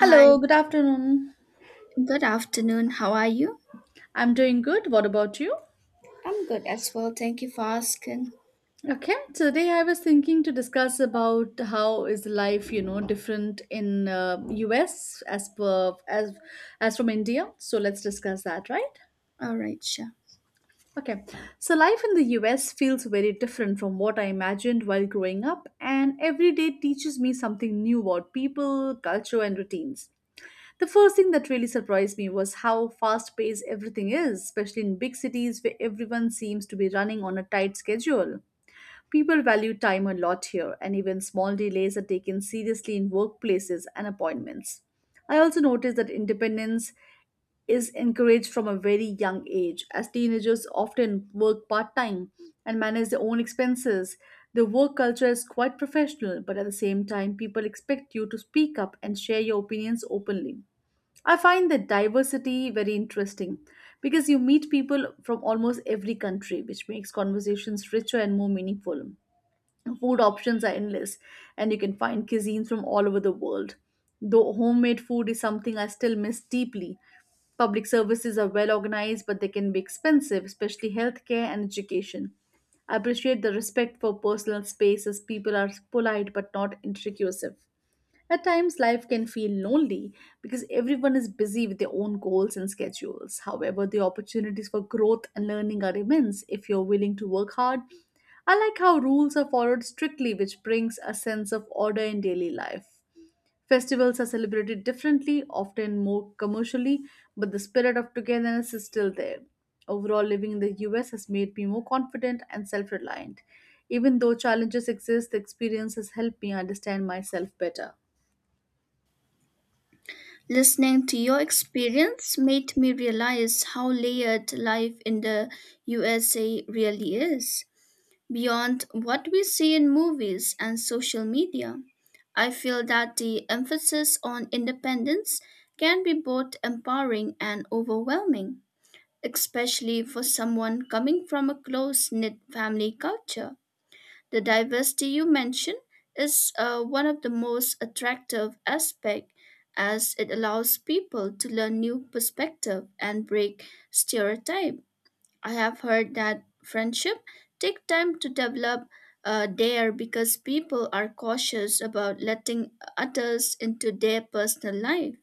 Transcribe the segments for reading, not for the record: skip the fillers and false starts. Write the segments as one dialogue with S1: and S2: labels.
S1: Hi,
S2: good afternoon.
S1: good afternoon. How are you?
S2: I'm doing good. What about you?
S1: I'm good as well. Thank you for asking.
S2: Okay, so today I was thinking to discuss about how is life, you know, different in US as per as from India. So let's discuss that, right?
S1: All right, sure.
S2: Okay. So life in the US feels very different from what I imagined while growing up, and every day teaches me something new about people, culture, and routines. The first thing that really surprised me was how fast paced everything is, especially in big cities where everyone seems to be running on a tight schedule. People value time a lot here, and even small delays are taken seriously in workplaces and appointments. I also noticed that independence is encouraged from a very young age, as teenagers often work part time and manage their own expenses. The work culture is quite professional, but at the same time, people expect you to speak up and share your opinions openly. I find the diversity very interesting because you meet people from almost every country, which makes conversations richer and more meaningful. Food options are endless, and you can find cuisines from all over the world. Though homemade food is something I still miss deeply, public services are well organized, but they can be expensive, especially healthcare and education. I appreciate the respect for personal space as people are polite but not intrusive. At times, life can feel lonely because everyone is busy with their own goals and schedules. However, the opportunities for growth and learning are immense if you're willing to work hard. I like how rules are followed strictly, which brings a sense of order in daily life. Festivals are celebrated differently, often more commercially, but the spirit of togetherness is still there. Overall, living in the US has made me more confident and self reliant. Even though challenges exist, the experience has helped me understand myself better.
S1: Listening to your experience made me realize how layered life in the USA really is, beyond what we see in movies and social media. I feel that the emphasis on independence can be both empowering and overwhelming, especially for someone coming from a close knit family culture. The diversity you mentioned is one of the most attractive aspects as it allows people to learn new perspective and break stereotype. I have heard that friendship take time to develop there because people are cautious about letting others into their personal life.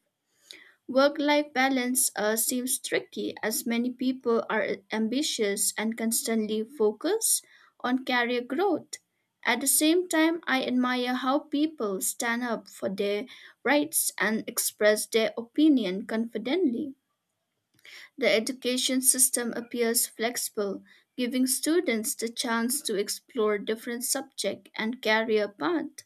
S1: Work life balance seems tricky as many people are ambitious and constantly focus on career growth. At the same time, I admire how people stand up for their rights and express their opinion confidently. The education system appears flexible, giving students the chance to explore different subjects and career paths.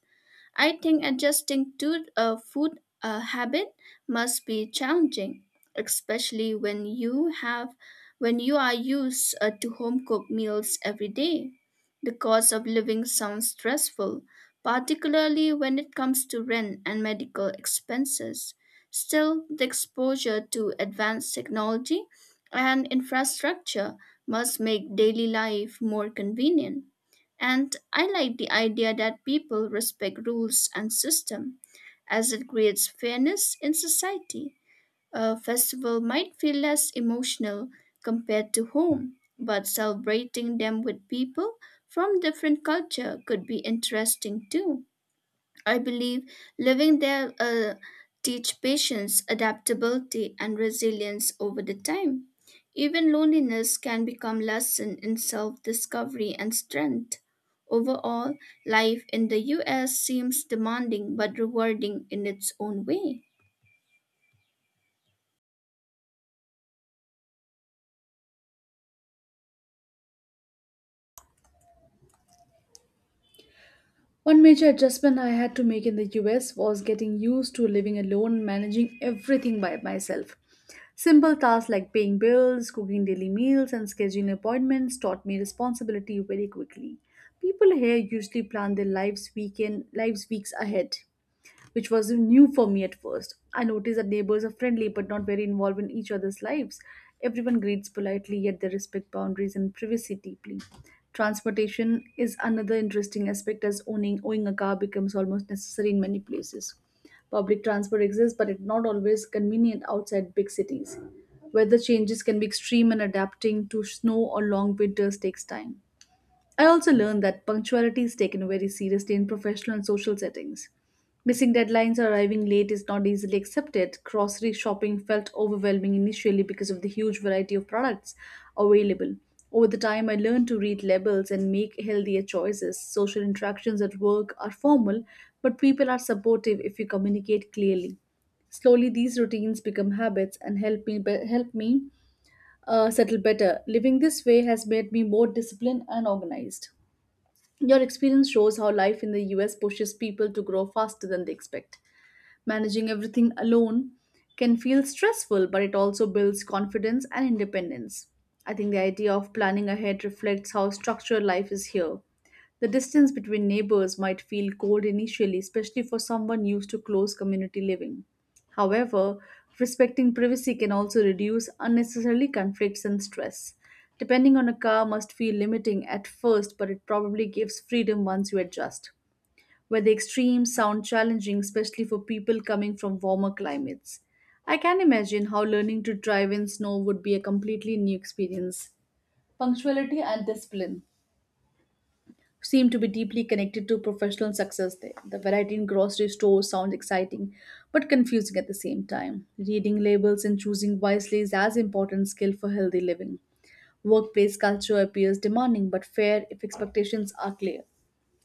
S1: I think adjusting to a food habit must be challenging, especially when you are used to home cooked meals every day. The cost of living sounds stressful, particularly when it comes to rent and medical expenses. Still, the exposure to advanced technology and infrastructure must make daily life more convenient. And I like the idea that people respect rules and system, as it creates fairness in society. A festival might feel less emotional compared to home, but celebrating them with people from different culture could be interesting too. I believe living there teach patience, adaptability, and resilience over the time. Even loneliness can become lesson in self-discovery and strength. Overall, life in the US seems demanding but rewarding in its own way.
S2: One major adjustment I had to make in the US was getting used to living alone and managing everything by myself. Simple tasks like paying bills, cooking daily meals, and scheduling appointments taught me responsibility very quickly. People here usually plan their lives weekend lives weeks ahead, which was new for me at first. I noticed that neighbors are friendly but not very involved in each other's lives. Everyone greets politely, yet they respect boundaries and privacy deeply. Transportation is another interesting aspect as owning a car becomes almost necessary in many places. Public transport exists, but it's not always convenient outside big cities. Weather changes can be extreme, and adapting to snow or long winters takes time. I also learned that punctuality is taken very seriously in professional and social settings. Missing deadlines or arriving late is not easily accepted. Grocery shopping felt overwhelming initially because of the huge variety of products available. Over the time, I learned to read labels and make healthier choices. Social interactions at work are formal, but people are supportive if you communicate clearly. Slowly, these routines become habits and help me settle better. Living this way has made me more disciplined and organized. Your experience shows how life in the US pushes people to grow faster than they expect. Managing everything alone can feel stressful, but it also builds confidence and independence. I think the idea of planning ahead reflects how structured life is here. The distance between neighbors might feel cold initially, especially for someone used to close community living. However, respecting privacy can also reduce unnecessary conflicts and stress. Depending on a car must feel limiting at first, but it probably gives freedom once you adjust where the extremes sound challenging, especially for people coming from warmer climates. I can imagine how learning to drive in snow would be a completely new experience. Punctuality and discipline seem to be deeply connected to professional success there. The variety in grocery stores sounds exciting, but confusing at the same time. Reading labels and choosing wisely is as important skill for healthy living. Workplace culture appears demanding but fair if expectations are clear.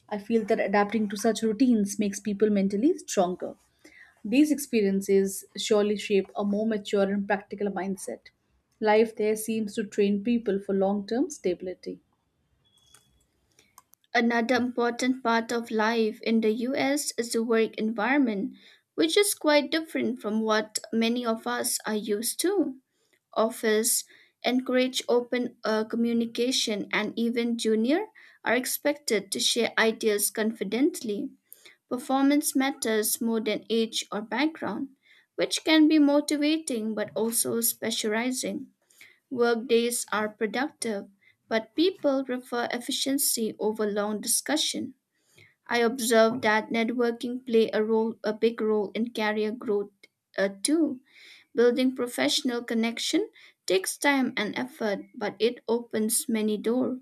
S2: I feel that adapting to such routines makes people mentally stronger. These experiences surely shape a more mature and practical mindset. Life there seems to train people for long term stability.
S1: Another important part of life in the US is the work environment, which is quite different from what many of us are used to. Office encourage open communication, and even junior are expected to share ideas confidently. Performance matters more than age or background, which can be motivating but also specializing. Workdays are productive, but people prefer efficiency over long discussion. I observed that networking play a big role in career growth too. Building professional connection takes time and effort, but it opens many doors.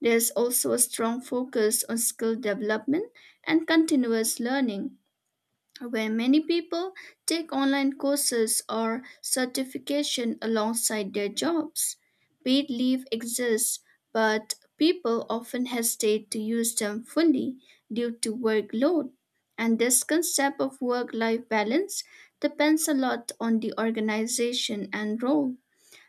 S1: There's also a strong focus on skill development and continuous learning, where many people take online courses or certification alongside their jobs. Paid leave exists, but people often hesitate to use them fully due to workload. And this concept of work life balance depends a lot on the organization and role.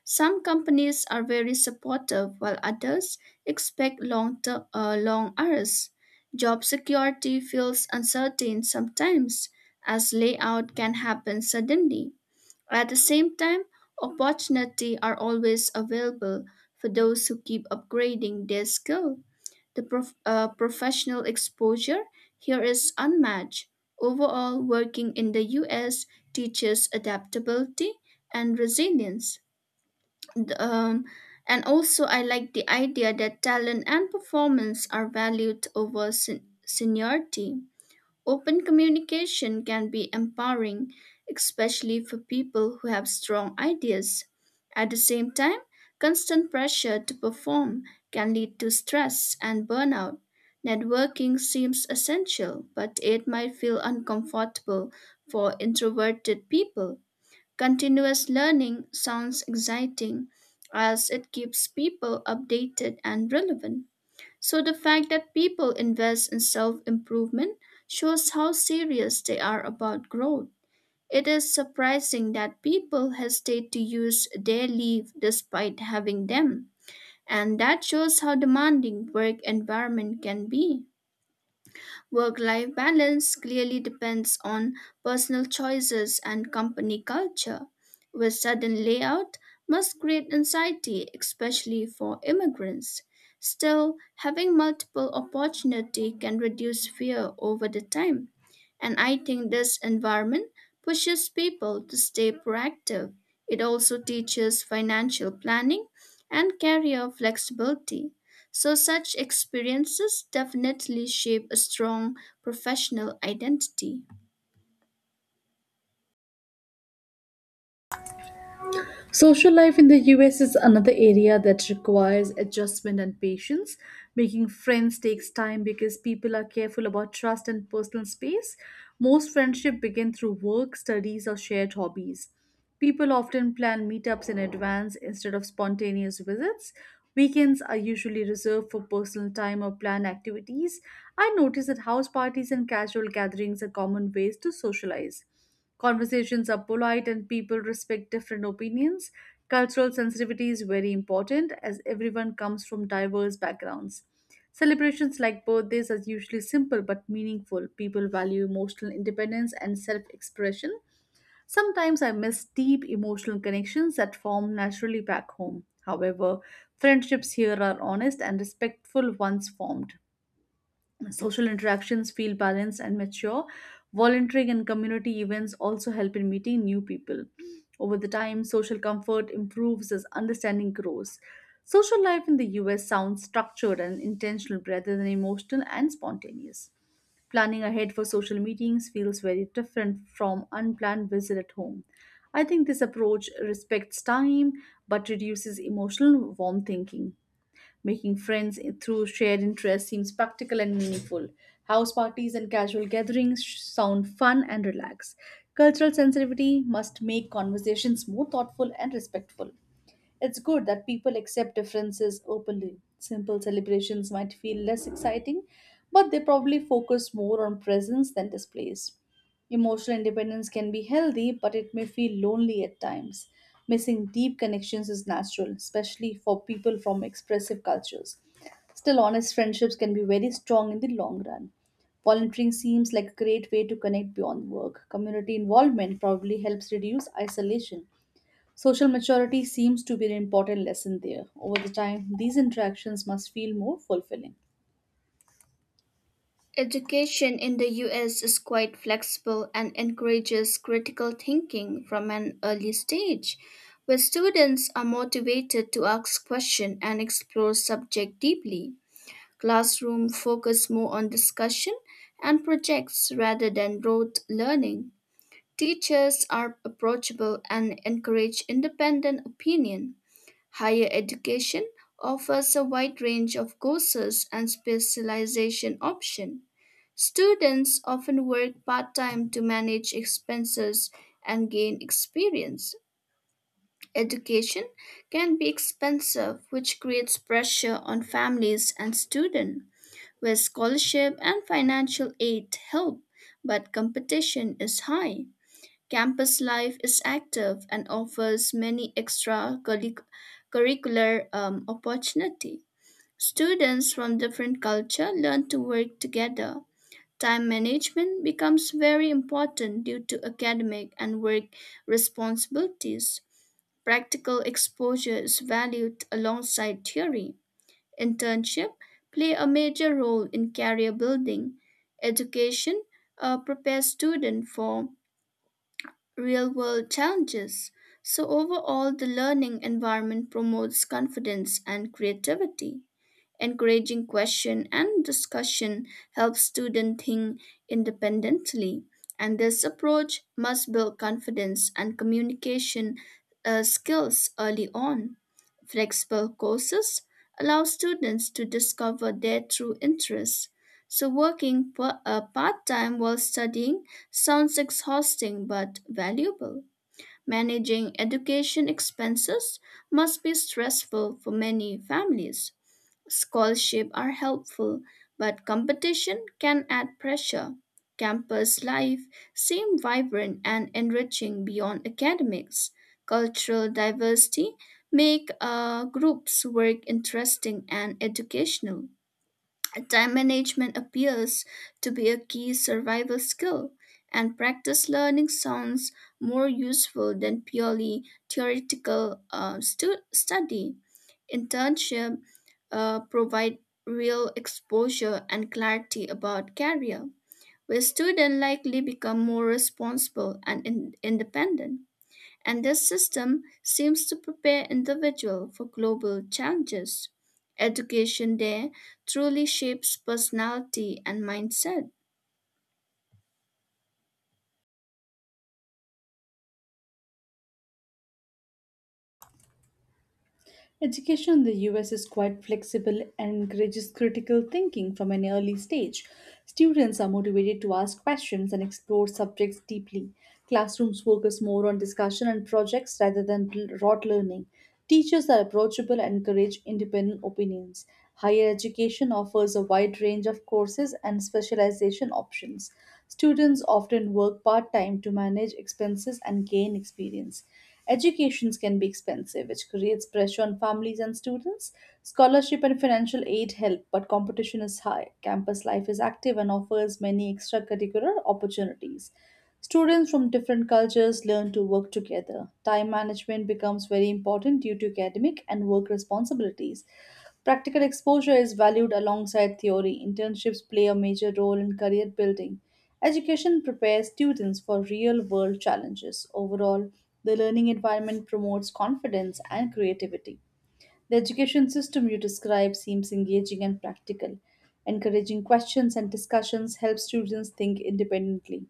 S1: Some companies are very supportive while others expect long hours. Job security feels uncertain sometimes as layout can happen suddenly. At the same time, opportunity are always available for those who keep upgrading their skill. The professional exposure here is unmatched. Overall, working in the US teaches adaptability and resilience. The, um, and also, I like the idea that talent and performance are valued over seniority. Open communication can be empowering, especially for people who have strong ideas. At the same time, constant pressure to perform can lead to stress and burnout. Networking seems essential, but it might feel uncomfortable for introverted people. Continuous learning sounds exciting as it keeps people updated and relevant. So, the fact that people invest in self improvement shows how serious they are about growth. It is surprising that people hesitate to use their leave despite having them, and that shows how demanding work environment can be. Work life balance clearly depends on personal choices and company culture, where sudden layout must create anxiety, especially for immigrants. Still, having multiple opportunity can reduce fear over the time. And I think this environment pushes people to stay proactive. It also teaches financial planning and career flexibility. So, such experiences definitely shape a strong professional identity.
S2: Social life in the US is another area that requires adjustment and patience. Making friends takes time because people are careful about trust and personal space. Most friendships begin through work, studies, or shared hobbies. People often plan meetups in advance instead of spontaneous visits. Weekends are usually reserved for personal time or planned activities. I notice that house parties and casual gatherings are common ways to socialize. Conversations are polite and people respect different opinions. Cultural sensitivity is very important as everyone comes from diverse backgrounds. Celebrations like birthdays are usually simple but meaningful. People value emotional independence and self expression. Sometimes I miss deep emotional connections that form naturally back home. However, friendships here are honest and respectful once formed. Social interactions feel balanced and mature. Volunteering and community events also help in meeting new people. Over the time, social comfort improves as understanding grows. Social life in the US sounds structured and intentional rather than emotional and spontaneous. Planning ahead for social meetings feels very different from unplanned visit at home. I think this approach respects time but reduces emotional warm thinking. Making friends through shared interests seems practical and meaningful. House parties and casual gatherings sound fun and relaxed. Cultural sensitivity must make conversations more thoughtful and respectful. It's good that people accept differences openly. Simple celebrations might feel less exciting, but they probably focus more on presence than displays. Emotional independence can be healthy, but it may feel lonely at times. Missing deep connections is natural, especially for people from expressive cultures. Still, honest friendships can be very strong in the long run. Volunteering seems like a great way to connect beyond work. Community involvement probably helps reduce isolation. Social maturity seems to be an important lesson there. Over the time, these interactions must feel more fulfilling.
S1: Education in the US is quite flexible and encourages critical thinking from an early stage, where students are motivated to ask questions and explore subject deeply. Classroom focus more on discussion and projects rather than rote learning. Teachers are approachable and encourage independent opinion. Higher education offers a wide range of courses and specialization options. Students often work part time to manage expenses and gain experience. Education can be expensive, which creates pressure on families and students, where scholarship and financial aid help, but competition is high. Campus life is active and offers many extra curric- curricular opportunity. Students from different culture learn to work together. Time management becomes very important due to academic and work responsibilities. Practical exposure is valued alongside theory. Internship play a major role in career building. Education prepares students for real world challenges. So, overall, the learning environment promotes confidence and creativity. Encouraging question and discussion helps students think independently, and this approach must build confidence and communication skills early on. Flexible courses allow students to discover their true interests. So, working part time while studying sounds exhausting but valuable. Managing education expenses must be stressful for many families. Scholarship are helpful, but competition can add pressure. Campus life seems vibrant and enriching beyond academics. Cultural diversity make groups work interesting and educational. Time management appears to be a key survival skill, and practice learning sounds more useful than purely theoretical study. Internship provide real exposure and clarity about career, where students likely become more responsible and independent. And this system seems to prepare individual for global challenges. Education there truly shapes personality and mindset.
S2: Education in the US is quite flexible and encourages critical thinking from an early stage. Students are motivated to ask questions and explore subjects deeply. Classrooms focus more on discussion and projects rather than rote learning. Teachers are approachable and encourage independent opinions. Higher education offers a wide range of courses and specialization options. Students often work part time to manage expenses and gain experience. Educations can be expensive, which creates pressure on families and students. Scholarship and financial aid help, but competition is high. Campus life is active and offers many extracurricular opportunities. Students from different cultures learn to work together. Time management becomes very important due to academic and work responsibilities. Practical exposure is valued alongside theory. Internships play a major role in career building. Education prepares students for real world challenges. Overall, the learning environment promotes confidence and creativity. The education system you describe seems engaging and practical. Encouraging questions and discussions helps students think independently.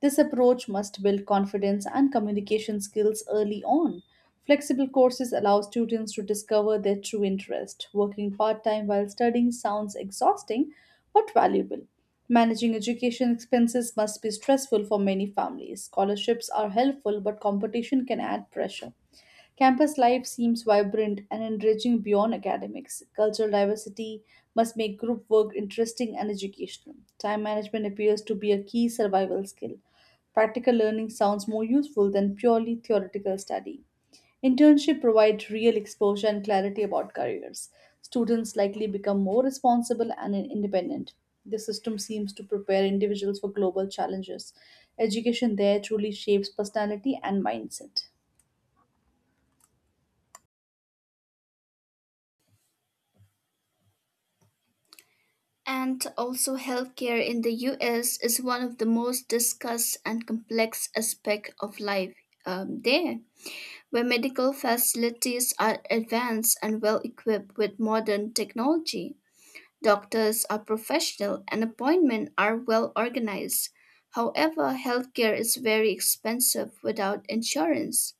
S2: This approach must build confidence and communication skills early on. Flexible courses allow students to discover their true interest. Working part time while studying sounds exhausting but valuable. Managing education expenses must be stressful for many families. Scholarships are helpful, but competition can add pressure. Campus life seems vibrant and enriching beyond academics. Cultural diversity must make group work interesting and educational. Time management appears to be a key survival skill. Practical learning sounds more useful than purely theoretical study. Internship provide real exposure and clarity about careers. Students likely become more responsible and independent. The system seems to prepare individuals for global challenges. Education there truly shapes personality and mindset.
S1: And also, healthcare in the US is one of the most discussed and complex aspects of life there, where medical facilities are advanced and well equipped with modern technology. Doctors are professional and appointments are well organized. However, healthcare is very expensive without insurance.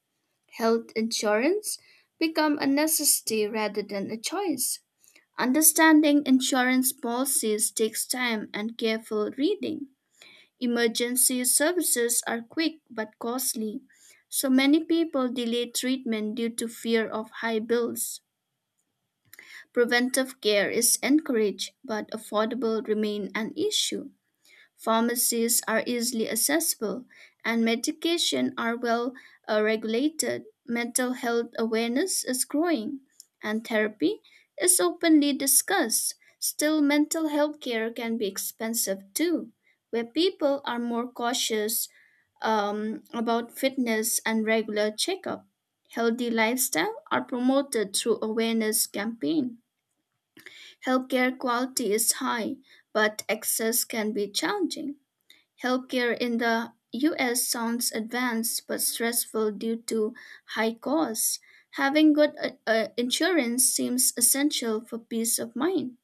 S1: Health insurance become a necessity rather than a choice. Understanding insurance policies takes time and careful reading. Emergency services are quick but costly, so many people delay treatment due to fear of high bills. Preventive care is encouraged, but affordable remain an issue. Pharmacies are easily accessible, and medication are well regulated. Mental health awareness is growing, and therapy is openly discussed. Still, mental health care can be expensive too, where people are more cautious about fitness and regular checkup. Healthy lifestyle are promoted through awareness campaign. Healthcare quality is high, but access can be challenging. Healthcare in the US sounds advanced but stressful due to high costs. Having good insurance seems essential for peace of mind.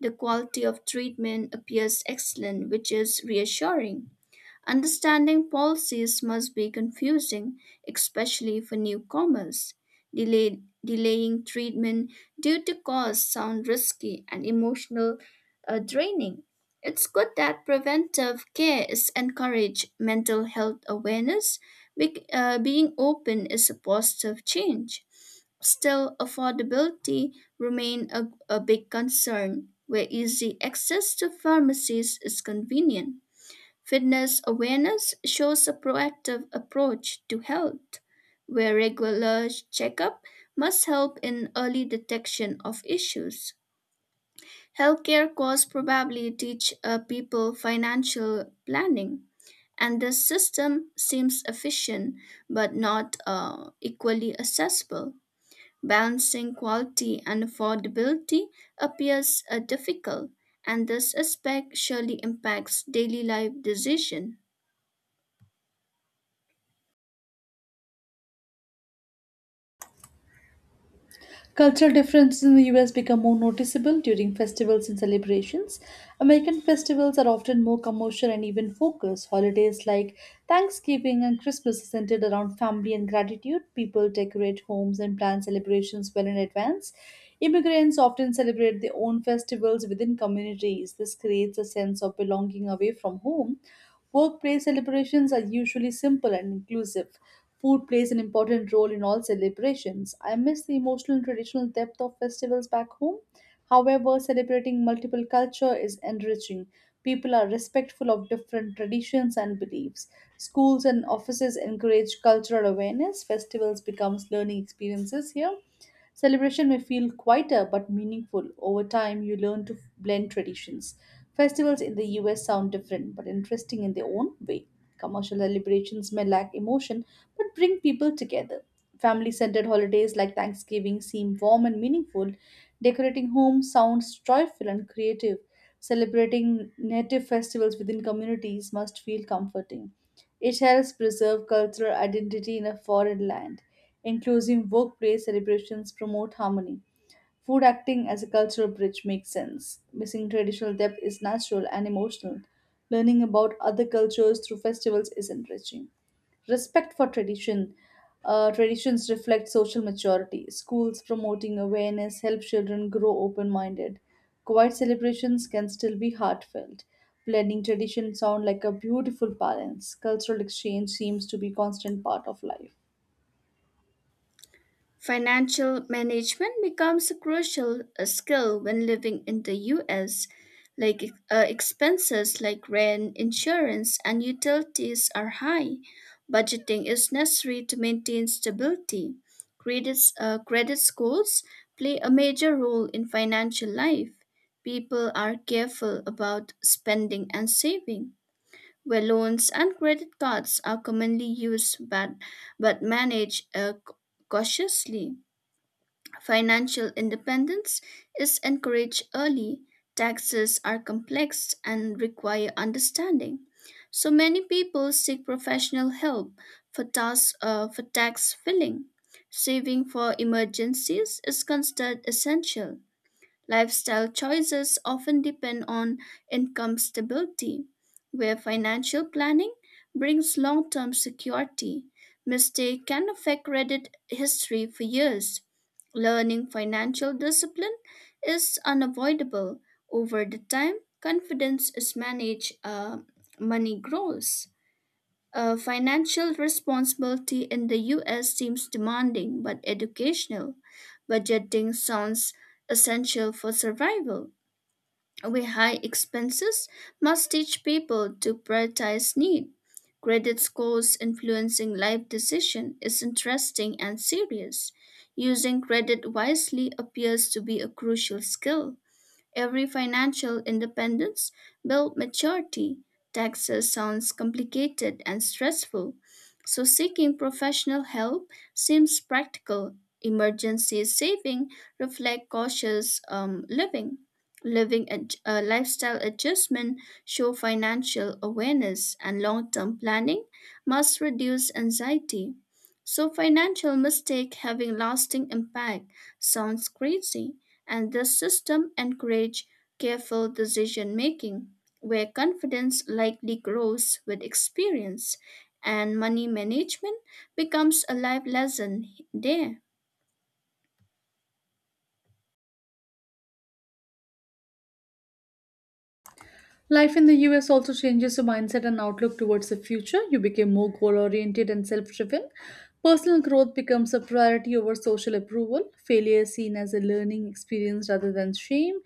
S1: The quality of treatment appears excellent, which is reassuring. Understanding policies must be confusing, especially for newcomers. Delaying treatment due to cost sound risky and emotional draining. It's good that preventive care is encouraged. Mental health awareness, being open is a positive change. Still, affordability remain a big concern where easy access to pharmacies is convenient. Fitness awareness shows a proactive approach to health, where regular checkup must help in early detection of issues. Healthcare costs probably teach people financial planning, and the system seems efficient but not equally accessible. Balancing quality and affordability appears difficult, and this aspect surely impacts daily life decision.
S2: Cultural differences in the US become more noticeable during festivals and celebrations. American festivals are often more commercial and even focused. Holidays like Thanksgiving and Christmas are centered around family and gratitude. People decorate homes and plan celebrations well in advance. Immigrants often celebrate their own festivals within communities. This creates a sense of belonging away from home. Workplace celebrations are usually simple and inclusive. Food plays an important role in all celebrations. I miss the emotional and traditional depth of festivals back home. However, celebrating multiple culture is enriching. People are respectful of different traditions and beliefs. Schools and offices encourage cultural awareness. Festivals becomes learning experiences here. Celebration may feel quieter but meaningful. Over time, you learn to blend traditions. Festivals in the US sound different but interesting in their own way. Commercial celebrations may lack emotion but bring people together. Family centered holidays like Thanksgiving seem warm and meaningful. Decorating homes sounds joyful and creative. Celebrating native festivals within communities must feel comforting. It helps preserve cultural identity in a foreign land. Inclusive workplace celebrations promote harmony. Food acting as a cultural bridge makes sense. Missing traditional depth is natural and emotional. Learning about other cultures through festivals is enriching. Respect for tradition. Traditions reflect social maturity. Schools promoting awareness help children grow open minded. Quiet celebrations can still be heartfelt. Blending tradition sound like a beautiful balance. Cultural exchange seems to be constant part of life.
S1: Financial management becomes a crucial skill when living in the US. Like expenses like rent, insurance, and utilities are high. Budgeting is necessary to maintain stability. Credit scores play a major role in financial life. People are careful about spending and saving, where loans and credit cards are commonly used but managed cautiously. Financial independence is encouraged early. Taxes are complex and require understanding. So many people seek professional help for tax filling. Saving for emergencies is considered essential. Lifestyle choices often depend on income stability, where financial planning brings long term security. Mistake can affect credit history for years. Learning financial discipline is unavoidable. Over the time, confidence is managed, money grows. Financial responsibility in the US seems demanding but educational. Budgeting sounds essential for survival. With high expenses, must teach people to prioritize need. Credit scores influencing life decision is interesting and serious. Using credit wisely appears to be a crucial skill. Every financial independence built maturity. Taxes sounds complicated and stressful, so seeking professional help seems practical. Emergency saving reflect cautious living. Lifestyle adjustment show financial awareness, and long-term planning must reduce anxiety. So financial mistake having lasting impact sounds crazy, and the system encourage careful decision making, where confidence likely grows with experience and money management becomes a life lesson there.
S2: Life in the US also changes your mindset and outlook towards the future. You become more goal oriented and self driven. Personal growth becomes a priority over social approval. Failure is seen as a learning experience rather than shame.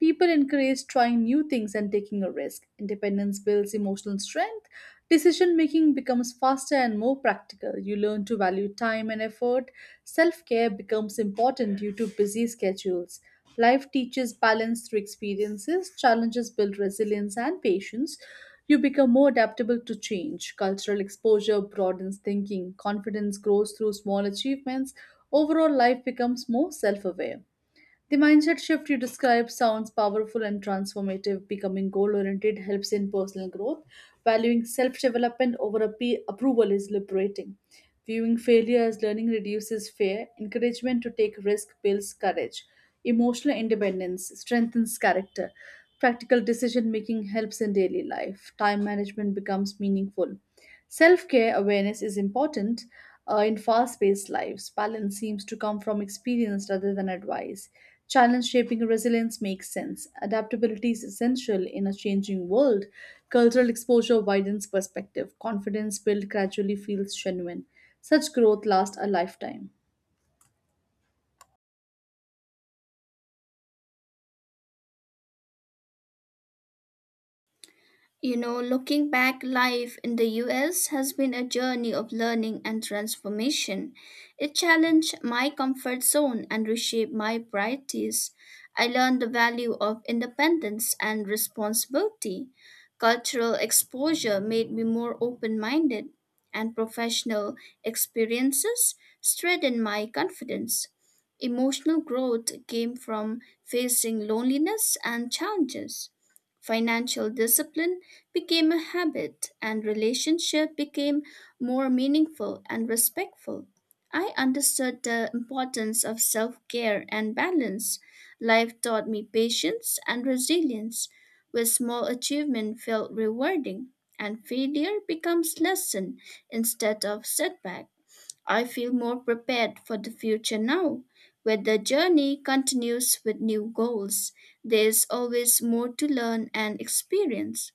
S2: People encourage trying new things and taking a risk. Independence builds emotional strength. Decision making becomes faster and more practical. You learn to value time and effort. Self care becomes important due to busy schedules. Life teaches balance through experiences, challenges build resilience and patience. You become more adaptable to change. Cultural exposure broadens thinking, confidence grows through small achievements. Overall, life becomes more self aware. The mindset shift you describe sounds powerful and transformative. Becoming goal oriented helps in personal growth. Valuing self development over approval is liberating. Viewing failure as learning reduces fear. Encouragement to take risk builds courage. Emotional independence strengthens character. Practical decision making helps in daily life. Time management becomes meaningful. Self care awareness is important in fast paced lives. Balance seems to come from experience rather than advice. Challenge shaping resilience makes sense. Adaptability is essential in a changing world. Cultural exposure widens perspective. Confidence built gradually feels genuine. Such growth lasts a lifetime.
S1: You know, looking back, life in the US has been a journey of learning and transformation. It challenged my comfort zone and reshaped my priorities. I learned the value of independence and responsibility. Cultural exposure made me more open minded, and professional experiences strengthened my confidence. Emotional growth came from facing loneliness and challenges. Financial discipline became a habit and relationship became more meaningful and respectful. I understood the importance of self care and balance. Life taught me patience and resilience, where small achievement felt rewarding and failure becomes lesson instead of setback. I feel more prepared for the future now, where the journey continues with new goals. There is always more to learn and experience.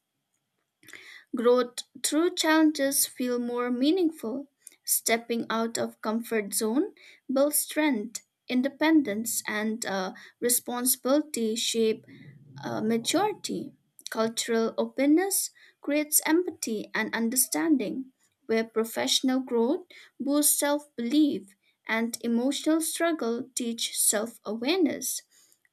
S1: Growth through challenges feel more meaningful. Stepping out of comfort zone builds strength, independence, and responsibility shape maturity. Cultural openness creates empathy and understanding, where professional growth boosts self belief and emotional struggle teach self awareness.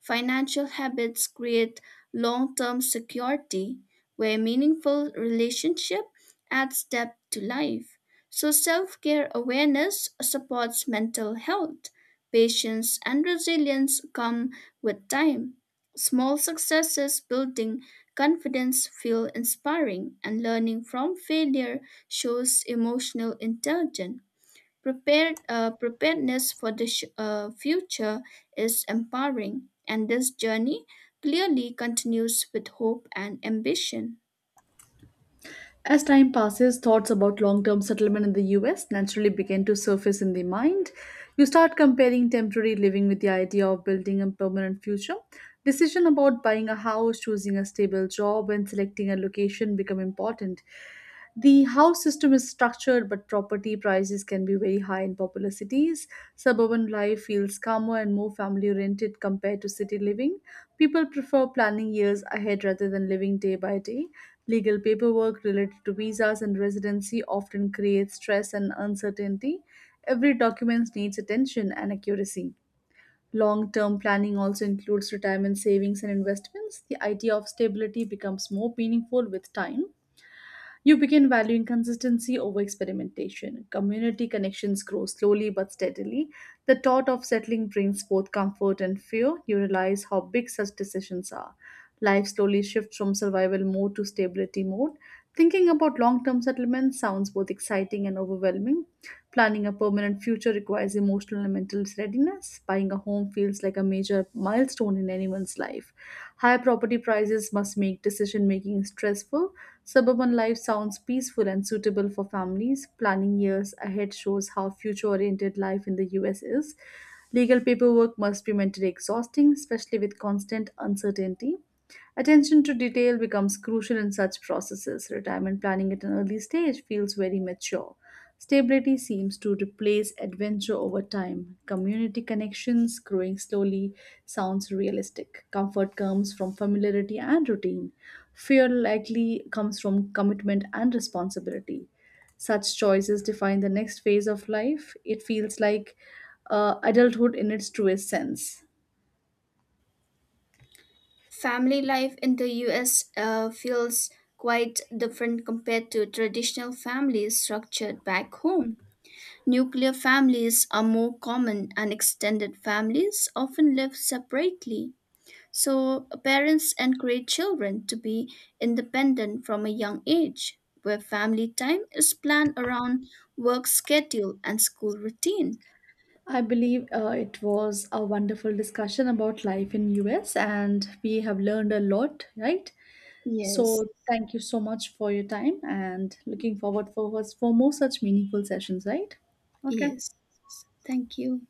S1: Financial habits create long term security, where meaningful relationship adds depth to life. So self-care awareness supports mental health. Patience and resilience come with time. Small successes building confidence feel inspiring and learning from failure shows emotional intelligence. Preparedness for the future is empowering, and this journey clearly continues with hope and ambition.
S2: As time passes, thoughts about long term settlement in the US naturally begin to surface in the mind. You start comparing temporary living with the idea of building a permanent future. Decision about buying a house, choosing a stable job, and selecting a location become important. The house system is structured, but property prices can be very high in popular cities. Suburban life feels calmer and more family oriented compared to city living. People prefer planning years ahead rather than living day by day. Legal paperwork related to visas and residency often creates stress and uncertainty. Every document needs attention and accuracy. Long term planning also includes retirement savings and investments. The idea of stability becomes more meaningful with time. You begin valuing consistency over experimentation. Community connections grow slowly but steadily. The thought of settling brings both comfort and fear. You realize how big such decisions are. Life slowly shifts from survival mode to stability mode. Thinking about long term settlement sounds both exciting and overwhelming. Planning a permanent future requires emotional and mental readiness. Buying a home feels like a major milestone in anyone's life. High property prices must make decision making stressful. Suburban life sounds peaceful and suitable for families. Planning years ahead shows how future oriented life in the US is. Legal paperwork must be mentally exhausting, especially with constant uncertainty. Attention to detail becomes crucial in such processes. Retirement planning at an early stage feels very mature. Stability seems to replace adventure over time. Community connections growing slowly sounds realistic. Comfort comes from familiarity and routine. Fear likely comes from commitment and responsibility. Such choices define the next phase of life. It feels like adulthood in its truest sense.
S1: Family life in the US feels quite different compared to traditional families structured back home. Nuclear families are more common, and extended families often live separately. So, parents encourage children to be independent from a young age, where family time is planned around work schedule and school routine.
S2: I believe it was a wonderful discussion about life in US and we have learned a lot, right?
S1: Yes,
S2: So thank you so much for your time and looking forward for us for more such meaningful sessions, right? Okay.
S1: yes. Thank you.